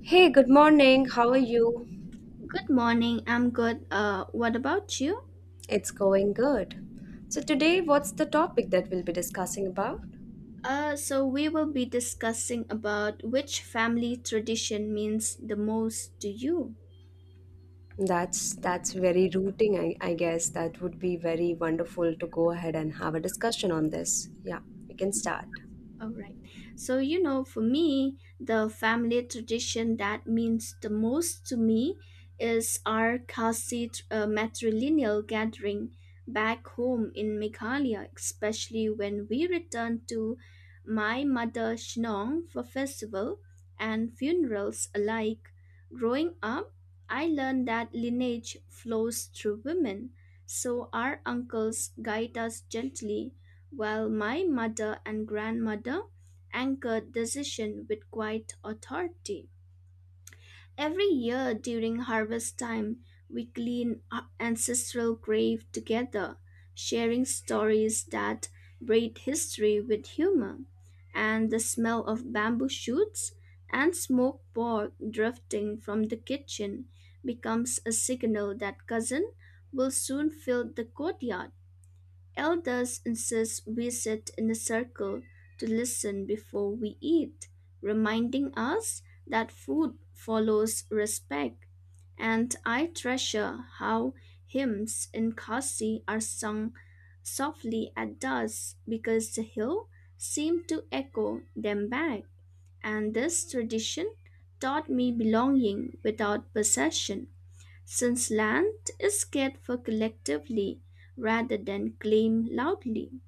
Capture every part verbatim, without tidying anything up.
Hey, good morning. How are you? Good morning. I'm good. Uh, what about you? It's going good. So today, what's the topic that we'll be discussing about? Uh, so we will be discussing about which family tradition means the most to you. That's that's very rooting. I, I guess that would be very wonderful to go ahead and have a discussion on this. Yeah, we can start. All right. So, you know, for me, the family tradition that means the most to me is our Khasi uh, matrilineal gathering back home in Meghalaya, especially when we return to my mother Shinong for festival and funerals alike. Growing up, I learned that lineage flows through women, so our uncles guide us gently while my mother and grandmother anchored decision with quiet authority. Every year during harvest time, we clean our ancestral grave together, sharing stories that braid history with humor. And the smell of bamboo shoots and smoked pork drifting from the kitchen becomes a signal that cousin will soon fill the courtyard. Elders insist we sit in a circle to listen before we eat, reminding us that food follows respect. And I treasure how hymns in Khasi are sung softly at dusk because the hill seemed to echo them back. And this tradition taught me belonging without possession since land is scared for collectively rather than claimed loudly.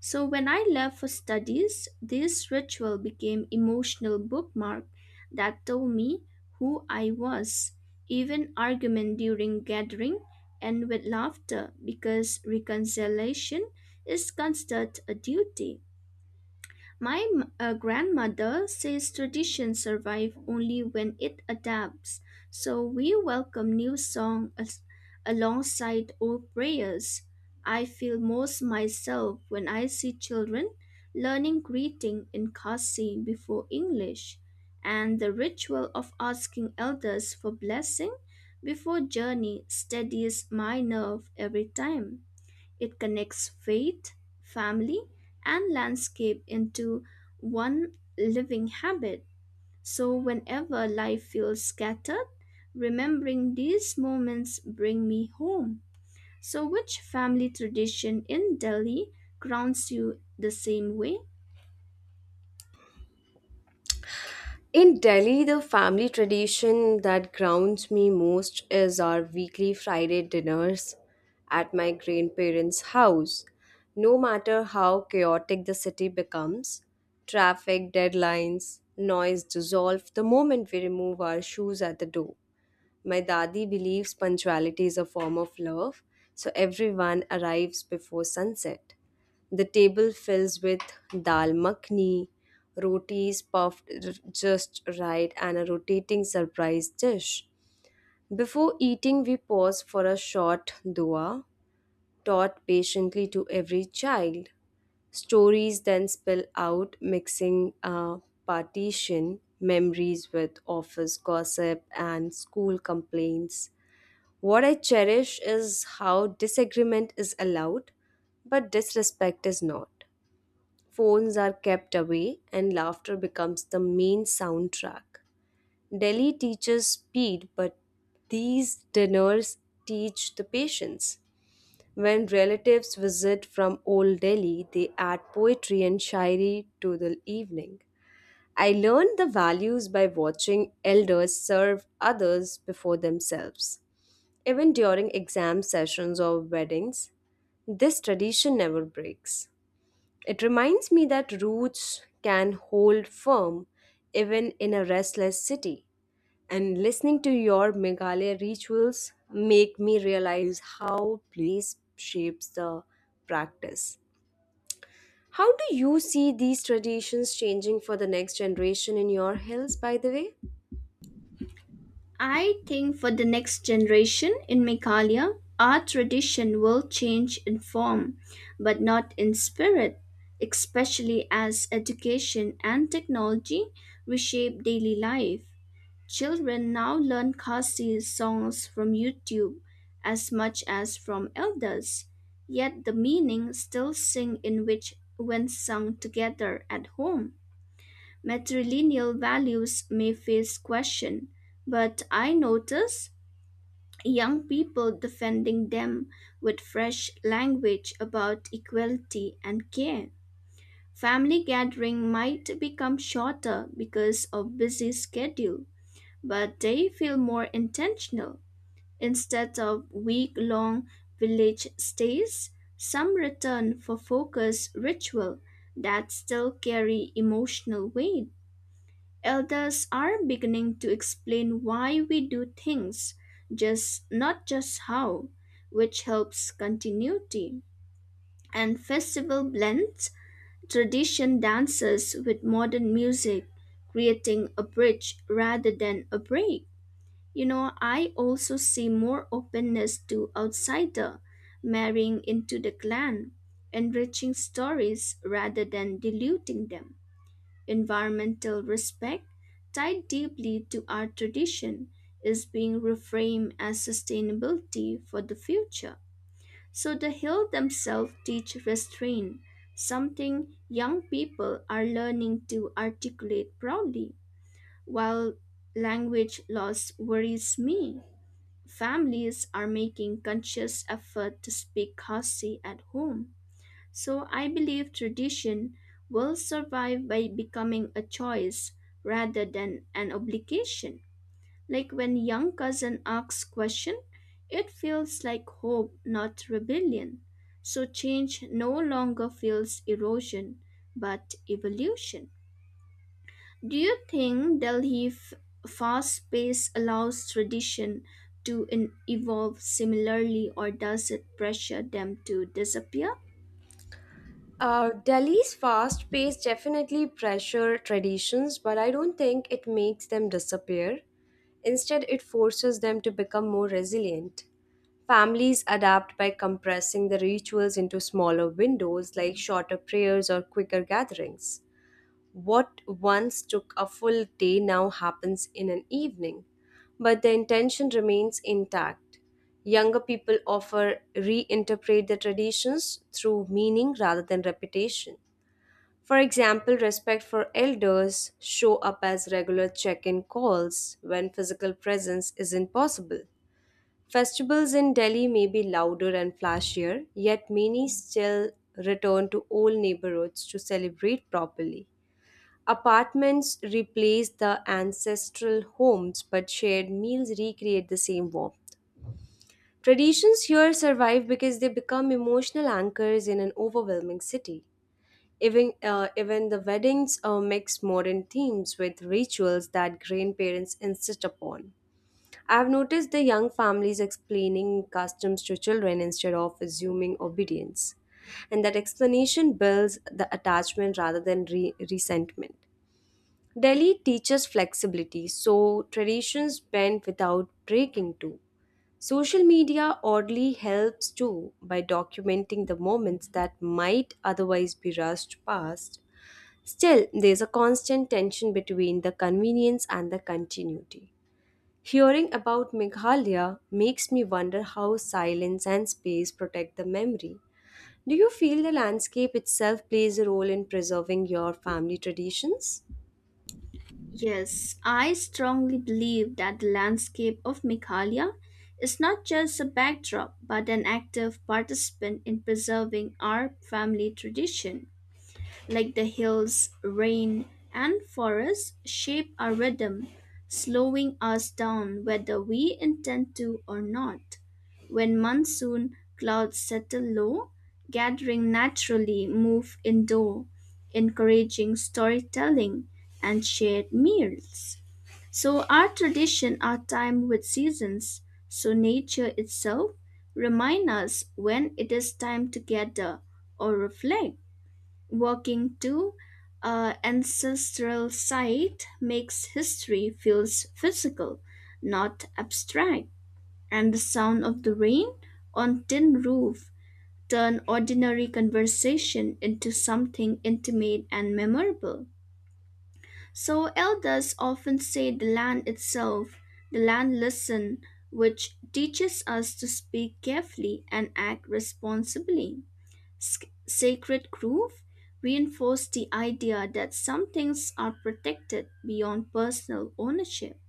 So when I left for studies, this ritual became emotional bookmark that told me who I was, even argument during gathering and with laughter because reconciliation is considered a duty. My m- uh, grandmother says traditions survive only when it adapts, so we welcome new song as- alongside old prayers. I feel most myself when I see children learning greeting in Khasi before English, and the ritual of asking elders for blessing before journey steadies my nerve every time. It connects faith, family, and landscape into one living habit. So whenever life feels scattered, remembering these moments bring me home. So which family tradition in Delhi grounds you the same way? In Delhi, the family tradition that grounds me most is our weekly Friday dinners at my grandparents' house. No matter how chaotic the city becomes, traffic, deadlines, noise dissolve the moment we remove our shoes at the door. My dadi believes punctuality is a form of love, so everyone arrives before sunset. The table fills with dal makhni, rotis puffed r- just right, and a rotating surprise dish. Before eating, we pause for a short dua, taught patiently to every child. Stories then spill out, mixing uh, partition memories with office gossip and school complaints. What I cherish is how disagreement is allowed, but disrespect is not. Phones are kept away, and laughter becomes the main soundtrack. Delhi teaches speed, but these dinners teach the patience. When relatives visit from old Delhi, they add poetry and shairi to the evening. I learned the values by watching elders serve others before themselves. Even during exam sessions or weddings, this tradition never breaks. It reminds me that roots can hold firm even in a restless city. And listening to your Meghalaya rituals make me realize how place shapes the practice. How do you see these traditions changing for the next generation in your hills, by the way? I think for the next generation in Meghalaya, our tradition will change in form, but not in spirit, especially as education and technology reshape daily life. Children now learn Khasi songs from YouTube as much as from elders, yet the meaning still sing in which when sung together at home matrilineal values may face question, but I notice young people defending them with fresh language about equality and care. Family gathering might become shorter because of busy schedule, but they feel more intentional. Instead of week-long village stays, some return for focus ritual that still carry emotional weight. Elders are beginning to explain why we do things, just not just how, which helps continuity. And festival blends tradition dances with modern music, creating a bridge rather than a break. You know, I also see more openness to outsider marrying into the clan, enriching stories rather than diluting them. Environmental respect, tied deeply to our tradition, is being reframed as sustainability for the future. So the hills themselves teach restraint, something young people are learning to articulate proudly. While language loss worries me, families are making conscious effort to speak Khasi at home so I believe tradition will survive by becoming a choice rather than an obligation. Like when young cousin asks question, it feels like hope, not rebellion. So change no longer feels erosion, but evolution. Do you think Delhi f- fast pace allows tradition to in- evolve similarly or does it pressure them to disappear? Uh, Delhi's fast pace definitely pressure traditions, but I don't think it makes them disappear. Instead, it forces them to become more resilient. Families adapt by compressing the rituals into smaller windows, like shorter prayers or quicker gatherings. What once took a full day now happens in an evening, but the intention remains intact. Younger people often reinterpret the traditions through meaning rather than repetition. For example, respect for elders show up as regular check-in calls when physical presence isn't possible. Festivals in Delhi may be louder and flashier, yet many still return to old neighborhoods to celebrate properly. Apartments replace the ancestral homes, but shared meals recreate the same warmth. Traditions here survive because they become emotional anchors in an overwhelming city. Even, uh, even the weddings uh, mix modern themes with rituals that grandparents insist upon. I've noticed the young families explaining customs to children instead of assuming obedience, and that explanation builds the attachment rather than re- resentment. Delhi teaches flexibility, so traditions bend without breaking too. Social media oddly helps too by documenting the moments that might otherwise be rushed past. Still, there's a constant tension between the convenience and the continuity. Hearing about Meghalaya makes me wonder how silence and space protect the memory. Do you feel the landscape itself plays a role in preserving your family traditions? Yes, I strongly believe that the landscape of Meghalaya is not just a backdrop but an active participant in preserving our family tradition like the hills, rain, and forests, shape our rhythm, slowing us down whether we intend to or not. When monsoon clouds settle low, gathering naturally move indoor, encouraging storytelling and shared meals. So our tradition are timed with seasons, so nature itself remind us when it is time to gather or reflect. Walking to a ancestral site makes history feels physical, not abstract. And the sound of the rain on tin roof turn ordinary conversation into something intimate and memorable. So elders often say the land itself, the land listen, which teaches us to speak carefully and act responsibly. Sc- sacred groove reinforced the idea that some things are protected beyond personal ownership,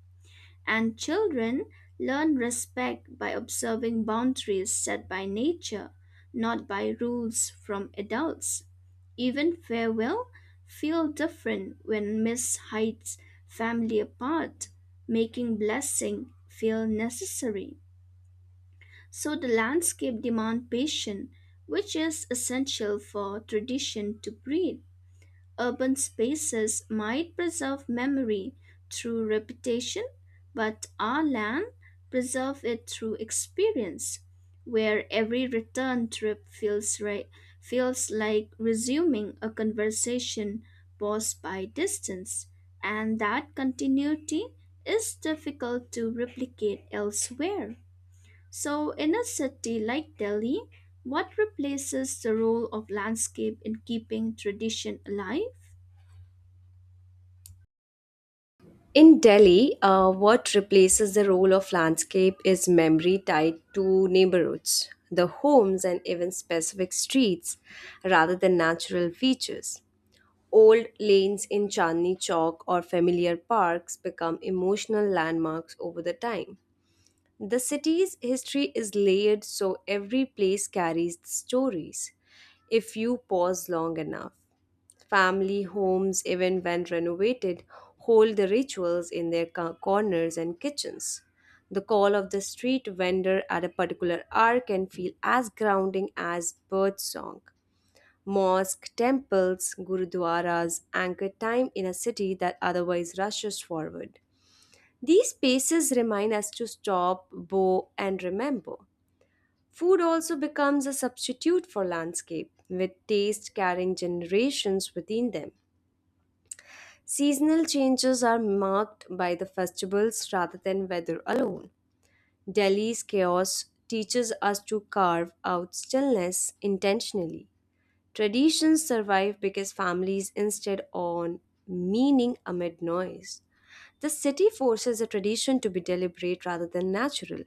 and children learn respect by observing boundaries set by nature, not by rules from adults. Even farewell feel different when Miss hides family apart, making blessing feel necessary. So the landscape demand patience, which is essential for tradition to breathe. Urban spaces might preserve memory through repetition, but our land preserve it through experience, where every return trip feels right, feels like resuming a conversation paused by distance, and that continuity is difficult to replicate elsewhere. So, in a city like Delhi, what replaces the role of landscape in keeping tradition alive? In Delhi, uh, what replaces the role of landscape is memory tied to neighborhoods, the homes, and even specific streets rather than natural features. Old lanes in Chandni Chowk or familiar parks become emotional landmarks over the time. The city's history is layered, so every place carries stories if you pause long enough. Family homes, even when renovated, hold the rituals in their co- corners and kitchens. The call of the street vendor at a particular hour can feel as grounding as bird song. Mosque, temples, gurudwaras anchor time in a city that otherwise rushes forward. These spaces remind us to stop, bow, and remember. Food also becomes a substitute for landscape, with taste carrying generations within them. Seasonal changes are marked by the festivals rather than weather alone. Delhi's chaos teaches us to carve out stillness intentionally. Traditions survive because families instead on meaning amid noise. The city forces a tradition to be deliberate rather than natural,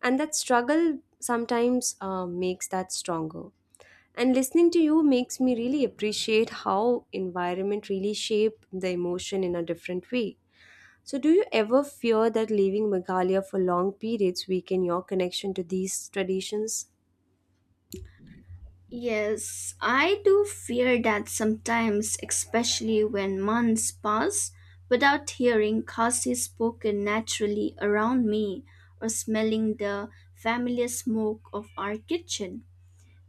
and that struggle sometimes uh, makes that stronger. And listening to you makes me really appreciate how environment really shape the emotion in a different way. So do you ever fear that leaving Meghalaya for long periods weaken your connection to these traditions? Yes, I do fear that sometimes, especially when months pass without hearing Khasi spoken naturally around me or smelling the familiar smoke of our kitchen.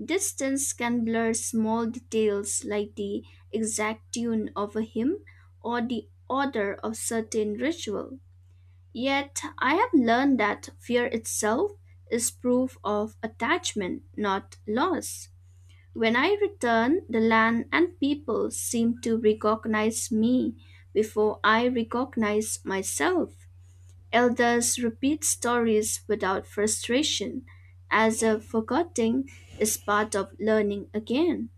Distance can blur small details like the exact tune of a hymn or the order of certain ritual. Yet I have learned that fear itself is proof of attachment, not loss. When I return, the land and people seem to recognize me before I recognize myself. Elders repeat stories without frustration, as if forgetting is part of learning again.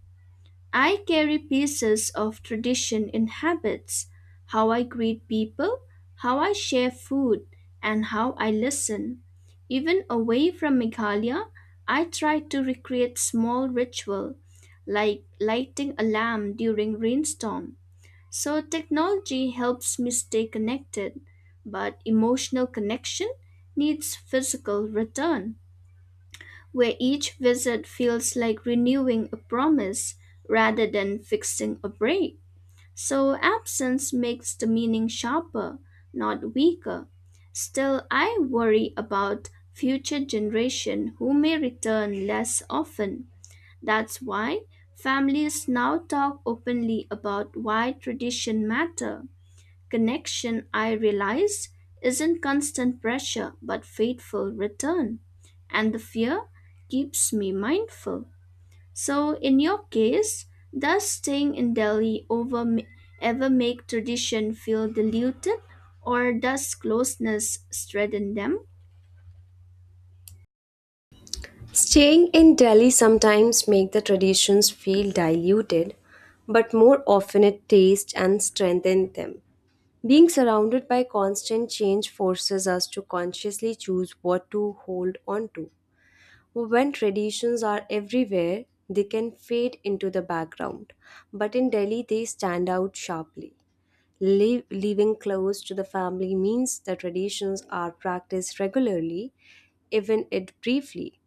I carry pieces of tradition in habits, how I greet people, how I share food, and how I listen. Even away from Meghalaya, I try to recreate small ritual like lighting a lamp during rainstorm. So technology helps me stay connected, but emotional connection needs physical return where each visit feels like renewing a promise rather than fixing a break. So absence makes the meaning sharper, not weaker. Still, I worry about future generation who may return less often. That's why families now talk openly about why tradition matter. Connection, I realize, isn't constant pressure but faithful return, and the fear keeps me mindful. So, in your case, does staying in Delhi over ma- ever make tradition feel diluted, or does closeness strengthen them? Staying in Delhi sometimes make the traditions feel diluted, but more often it tastes and strengthens them. Being surrounded by constant change forces us to consciously choose what to hold on to. When traditions are everywhere, they can fade into the background. But in Delhi, they stand out sharply. Live, living close to the family means the traditions are practiced regularly, even it briefly.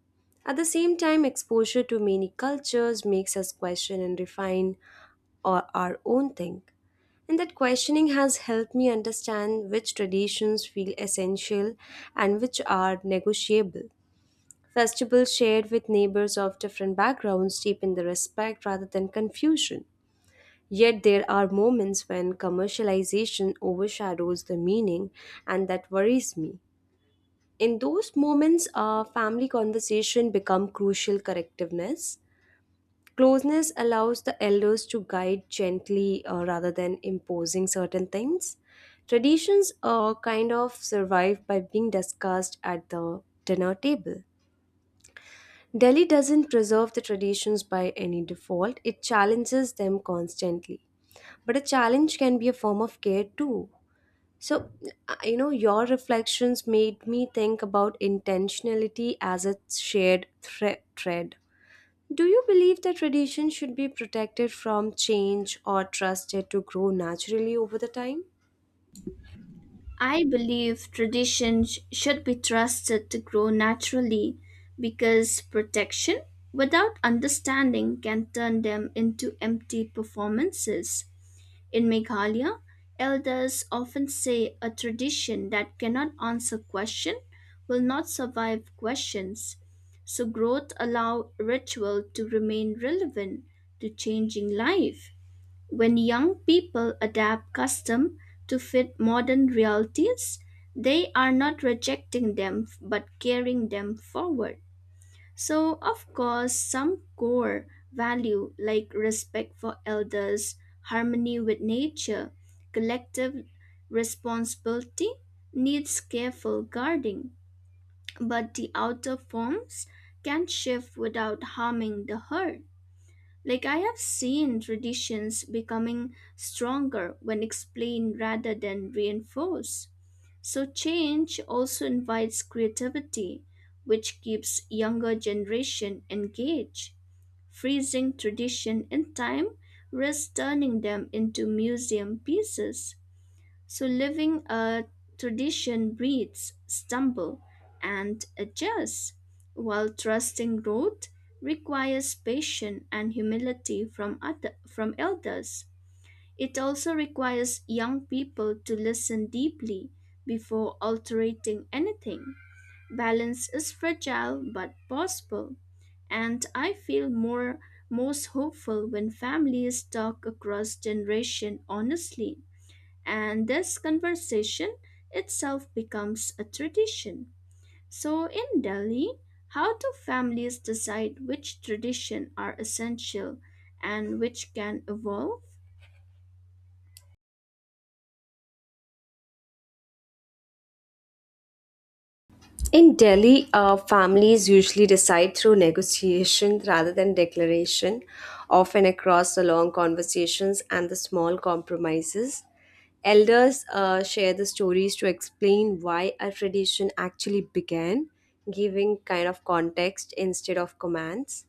At the same time, exposure to many cultures makes us question and refine our, our own thing. And that questioning has helped me understand which traditions feel essential and which are negotiable. Festivals shared with neighbors of different backgrounds deepen the respect rather than confusion. Yet there are moments when commercialization overshadows the meaning, and that worries me. In those moments, uh, family conversation become crucial correctiveness. Closeness allows the elders to guide gently, uh, rather than imposing certain things. Traditions uh, kind of survive by being discussed at the dinner table. Delhi doesn't preserve the traditions by any default, it challenges them constantly. But a challenge can be a form of care too. So, uh, you know, your reflections made me think about intentionality as a shared thre- thread. Do you believe that tradition should be protected from change or trusted to grow naturally over the time? I believe tradition sh- should be trusted to grow naturally because protection without understanding can turn them into empty performances. In Meghalaya, elders often say a tradition that cannot answer question will not survive questions. So growth allow ritual to remain relevant to changing life. When young people adapt custom to fit modern realities, they are not rejecting them but carrying them forward. So, of course, some core value like respect for elders, harmony with nature, collective responsibility needs careful guarding, but the outer forms can shift without harming the herd. Like I have seen traditions becoming stronger when explained rather than reinforced. So change also invites creativity, which keeps younger generation engaged. Freezing tradition in time risks turning them into museum pieces. So living a tradition breeds, stumble, and adjusts, while trusting growth requires patience and humility from other, from elders. It also requires young people to listen deeply before altering anything. Balance is fragile but possible, and I feel more most hopeful when families talk across generation honestly and this conversation itself becomes a tradition. So in Delhi, how do families decide which tradition are essential and which can evolve? In Delhi, uh, families usually decide through negotiation rather than declaration, often across the long conversations and the small compromises. Elders uh, share the stories to explain why a tradition actually began, giving kind of context instead of commands.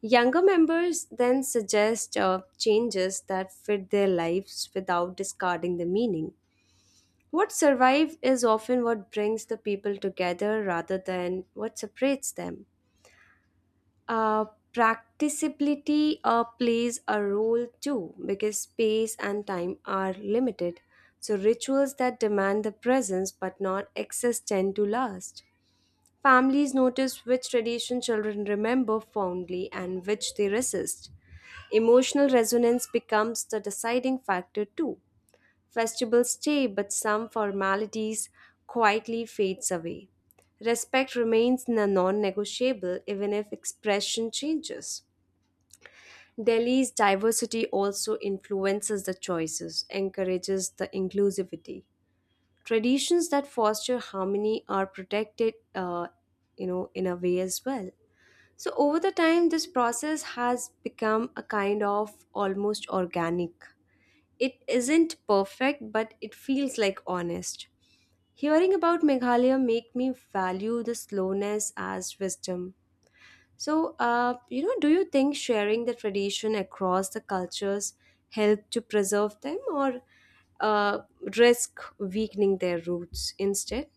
Younger members then suggest uh, changes that fit their lives without discarding the meaning. What survives is often what brings the people together rather than what separates them. Uh, practicability uh, plays a role too because space and time are limited. So, rituals that demand the presence but not access tend to last. Families notice which tradition children remember fondly and which they resist. Emotional resonance becomes the deciding factor too. Festivals stay, but some formalities quietly fades away. Respect remains a non-negotiable even if expression changes. Delhi's diversity also influences the choices, encourages the inclusivity. Traditions that foster harmony are protected, uh, you know, in a way as well. So over the time, this process has become a kind of almost organic. It isn't perfect, but it feels like honest. Hearing about Meghalaya make me value the slowness as wisdom. So, uh, you know, do you think sharing the tradition across the cultures help to preserve them or uh, risk weakening their roots instead?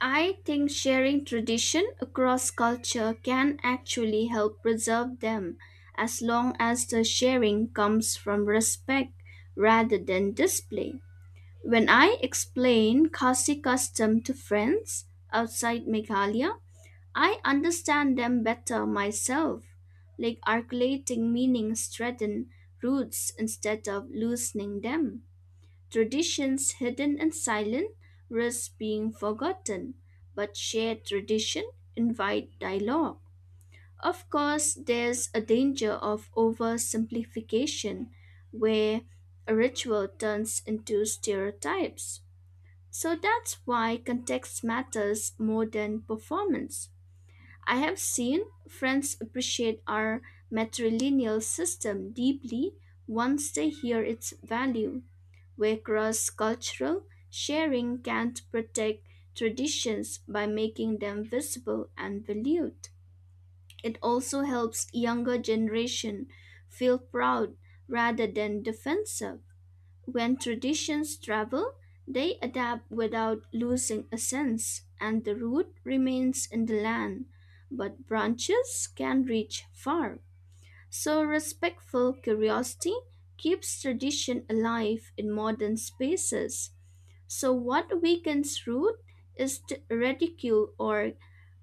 I think sharing tradition across culture can actually help preserve them as long as the sharing comes from respect rather than display. When I explain Khasi custom to friends outside Meghalaya, I understand them better myself, like articulating meanings threaten roots instead of loosening them. Traditions hidden and silent risk being forgotten, but shared tradition invite dialogue. Of course, there's a danger of oversimplification where a ritual turns into stereotypes. So that's why context matters more than performance. I have seen friends appreciate our matrilineal system deeply once they hear its value, where cross cultural sharing can protect traditions by making them visible and valued. It also helps younger generation feel proud rather than defensive when traditions travel, they adapt without losing essence, and the root remains in the land, but branches can reach far. So, respectful curiosity keeps tradition alive in modern spaces. So, what weakens root is the ridicule or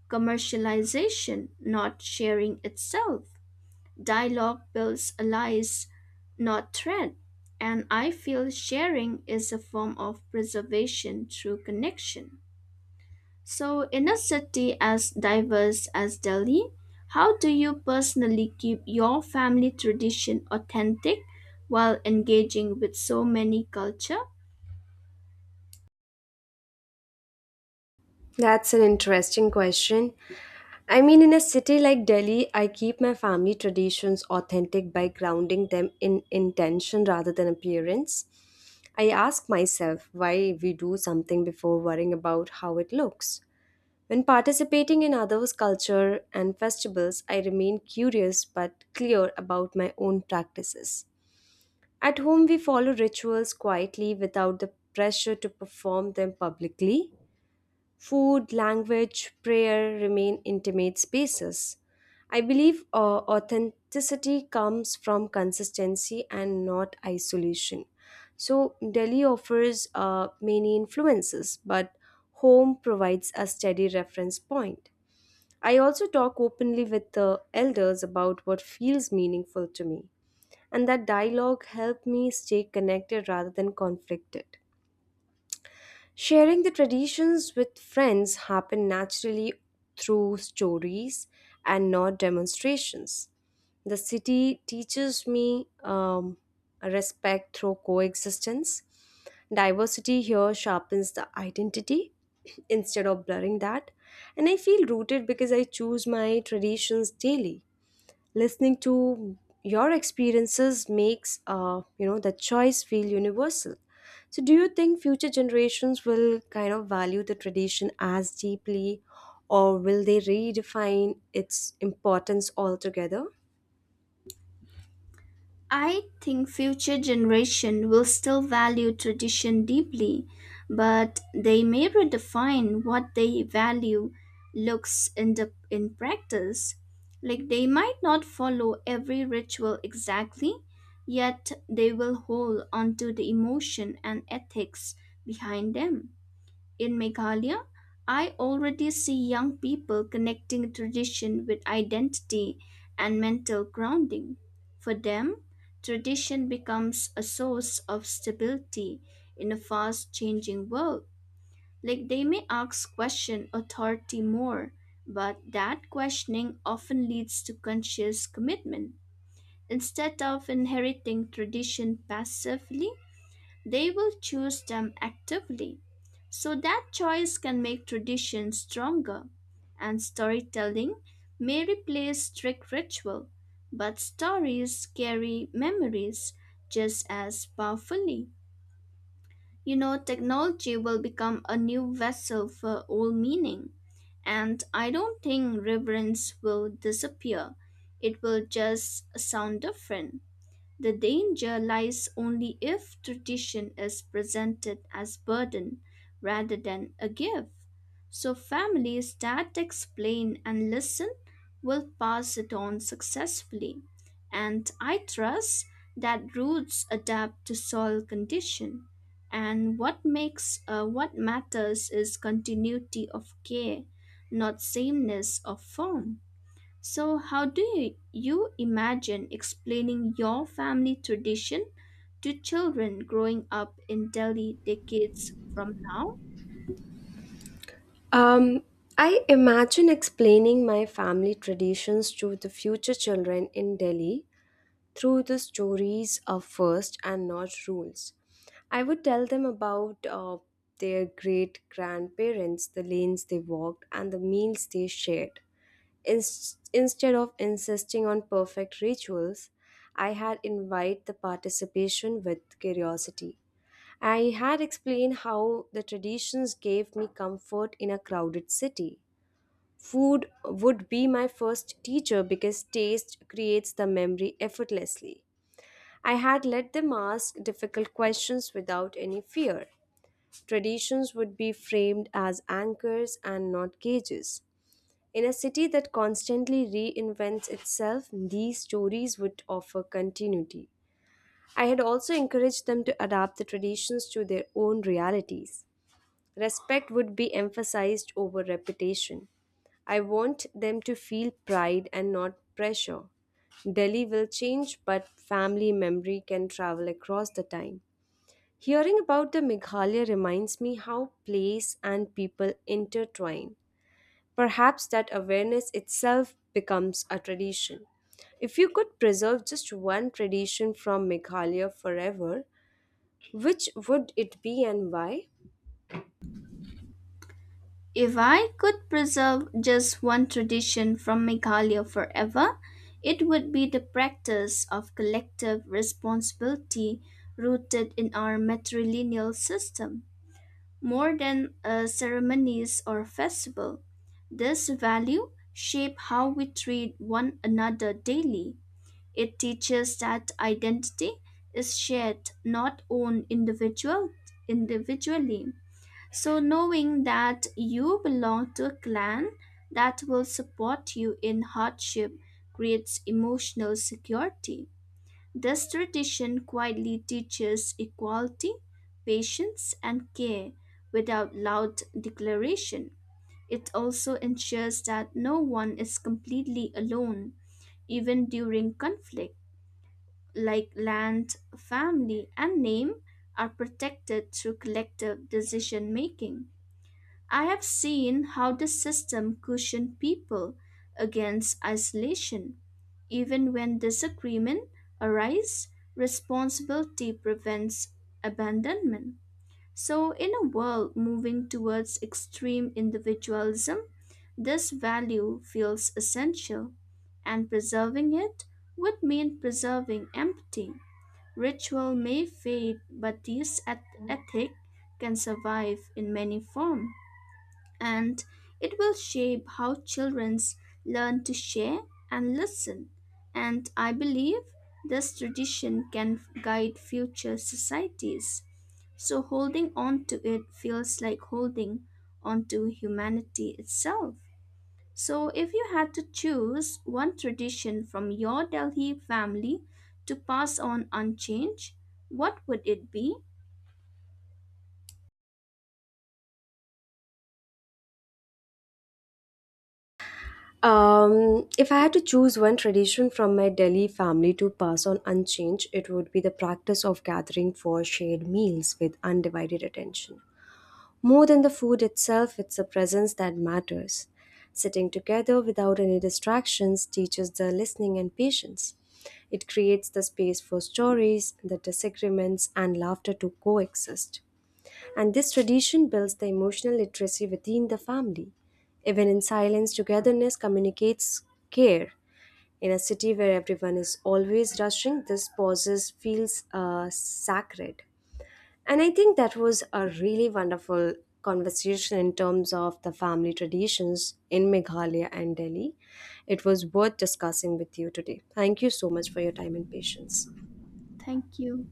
commercialization, not sharing itself. Dialogue builds allies, not threat, and I feel sharing is a form of preservation through connection. So, in a city as diverse as Delhi, how do you personally keep your family tradition authentic while engaging with so many culture? That's an interesting question. I mean, in a city like Delhi, I keep my family traditions authentic by grounding them in intention rather than appearance. I ask myself why we do something before worrying about how it looks. When participating in others' culture and festivals, I remain curious but clear about my own practices. At home, we follow rituals quietly without the pressure to perform them publicly. Food, language, prayer remain intimate spaces. I believe uh, authenticity comes from consistency and not isolation. So, Delhi offers uh, many influences, but home provides a steady reference point. I also talk openly with the elders about what feels meaningful to me, and that dialogue helped me stay connected rather than conflicted. Sharing the traditions with friends happen naturally through stories and not demonstrations. The city teaches me, um, respect through coexistence. Diversity here sharpens the identity instead of blurring that. And I feel rooted because I choose my traditions daily. Listening to your experiences makes, uh, you know the choice feel universal. So do you think future generations will kind of value the tradition as deeply, or will they redefine its importance altogether? I think future generation will still value tradition deeply, but they may redefine what they value looks in the in practice. Like they might not follow every ritual exactly, yet they will hold onto the emotion and ethics behind them. In Meghalaya, I already see young people connecting tradition with identity and mental grounding. For them, tradition becomes a source of stability in a fast changing world. Like they may ask question authority more, but that questioning often leads to conscious commitment. Instead of inheriting tradition passively, they will choose them actively. So that choice can make tradition stronger. And storytelling may replace strict ritual, but stories carry memories just as powerfully. You know, technology will become a new vessel for old meaning. And I don't think reverence will disappear. It will just sound different. The danger lies only if tradition is presented as burden rather than a gift. So families that explain and listen will pass it on successfully. And I trust that roots adapt to soil condition. And what makes uh, what matters is continuity of care, not sameness of form. So, how do you, you imagine explaining your family tradition to children growing up in Delhi decades from now? um, I imagine explaining my family traditions to the future children in Delhi through the stories of first and not rules. I would tell them about uh, their great grandparents, the lanes they walked, and the meals they shared. Ins- instead of insisting on perfect rituals, I had invite the participation with curiosity. I had explained how the traditions gave me comfort in a crowded city. Food would be my first teacher because taste creates the memory effortlessly. I had let them ask difficult questions without any fear. Traditions would be framed as anchors and not cages. In a city that constantly reinvents itself, these stories would offer continuity. I had also encouraged them to adapt the traditions to their own realities. Respect would be emphasized over reputation. I want them to feel pride and not pressure. Delhi will change, but family memory can travel across the time. Hearing about the Meghalaya reminds me how place and people intertwine. Perhaps that awareness itself becomes a tradition. If you could preserve just one tradition from Meghalaya forever, which would it be and why? If I could preserve just one tradition from Meghalaya forever, it would be the practice of collective responsibility rooted in our matrilineal system. More than uh, ceremonies or festival, this value shape how we treat one another daily. It teaches that identity is shared, not owned individual individually. So knowing that you belong to a clan that will support you in hardship creates emotional security. This tradition quietly teaches equality, patience, and care without loud declaration. It also ensures that no one is completely alone, even during conflict like land, family, and name, are protected through collective decision making. I have seen how the system cushioned people against isolation. Even when disagreement arises, responsibility prevents abandonment. So, in a world moving towards extreme individualism, this value feels essential, and preserving it would mean preserving empathy. Ritual may fade, but this eth- ethic can survive in many forms, and it will shape how children learn to share and listen. And I believe this tradition can guide future societies. So holding on to it feels like holding on to humanity itself. So, if you had to choose one tradition from your Delhi family to pass on unchanged, what would it be? Um, if I had to choose one tradition from my Delhi family to pass on unchanged, it would be the practice of gathering for shared meals with undivided attention. More than the food itself, it's the presence that matters. Sitting together without any distractions teaches the listening and patience. It creates the space for stories, the disagreements, and laughter to coexist. And this tradition builds the emotional literacy within the family. Even in silence, togetherness communicates care. In a city where everyone is always rushing, this pauses feels uh, sacred. And I think that was a really wonderful conversation in terms of the family traditions in Meghalaya and Delhi. It was worth discussing with you today. Thank you so much for your time and patience. Thank you.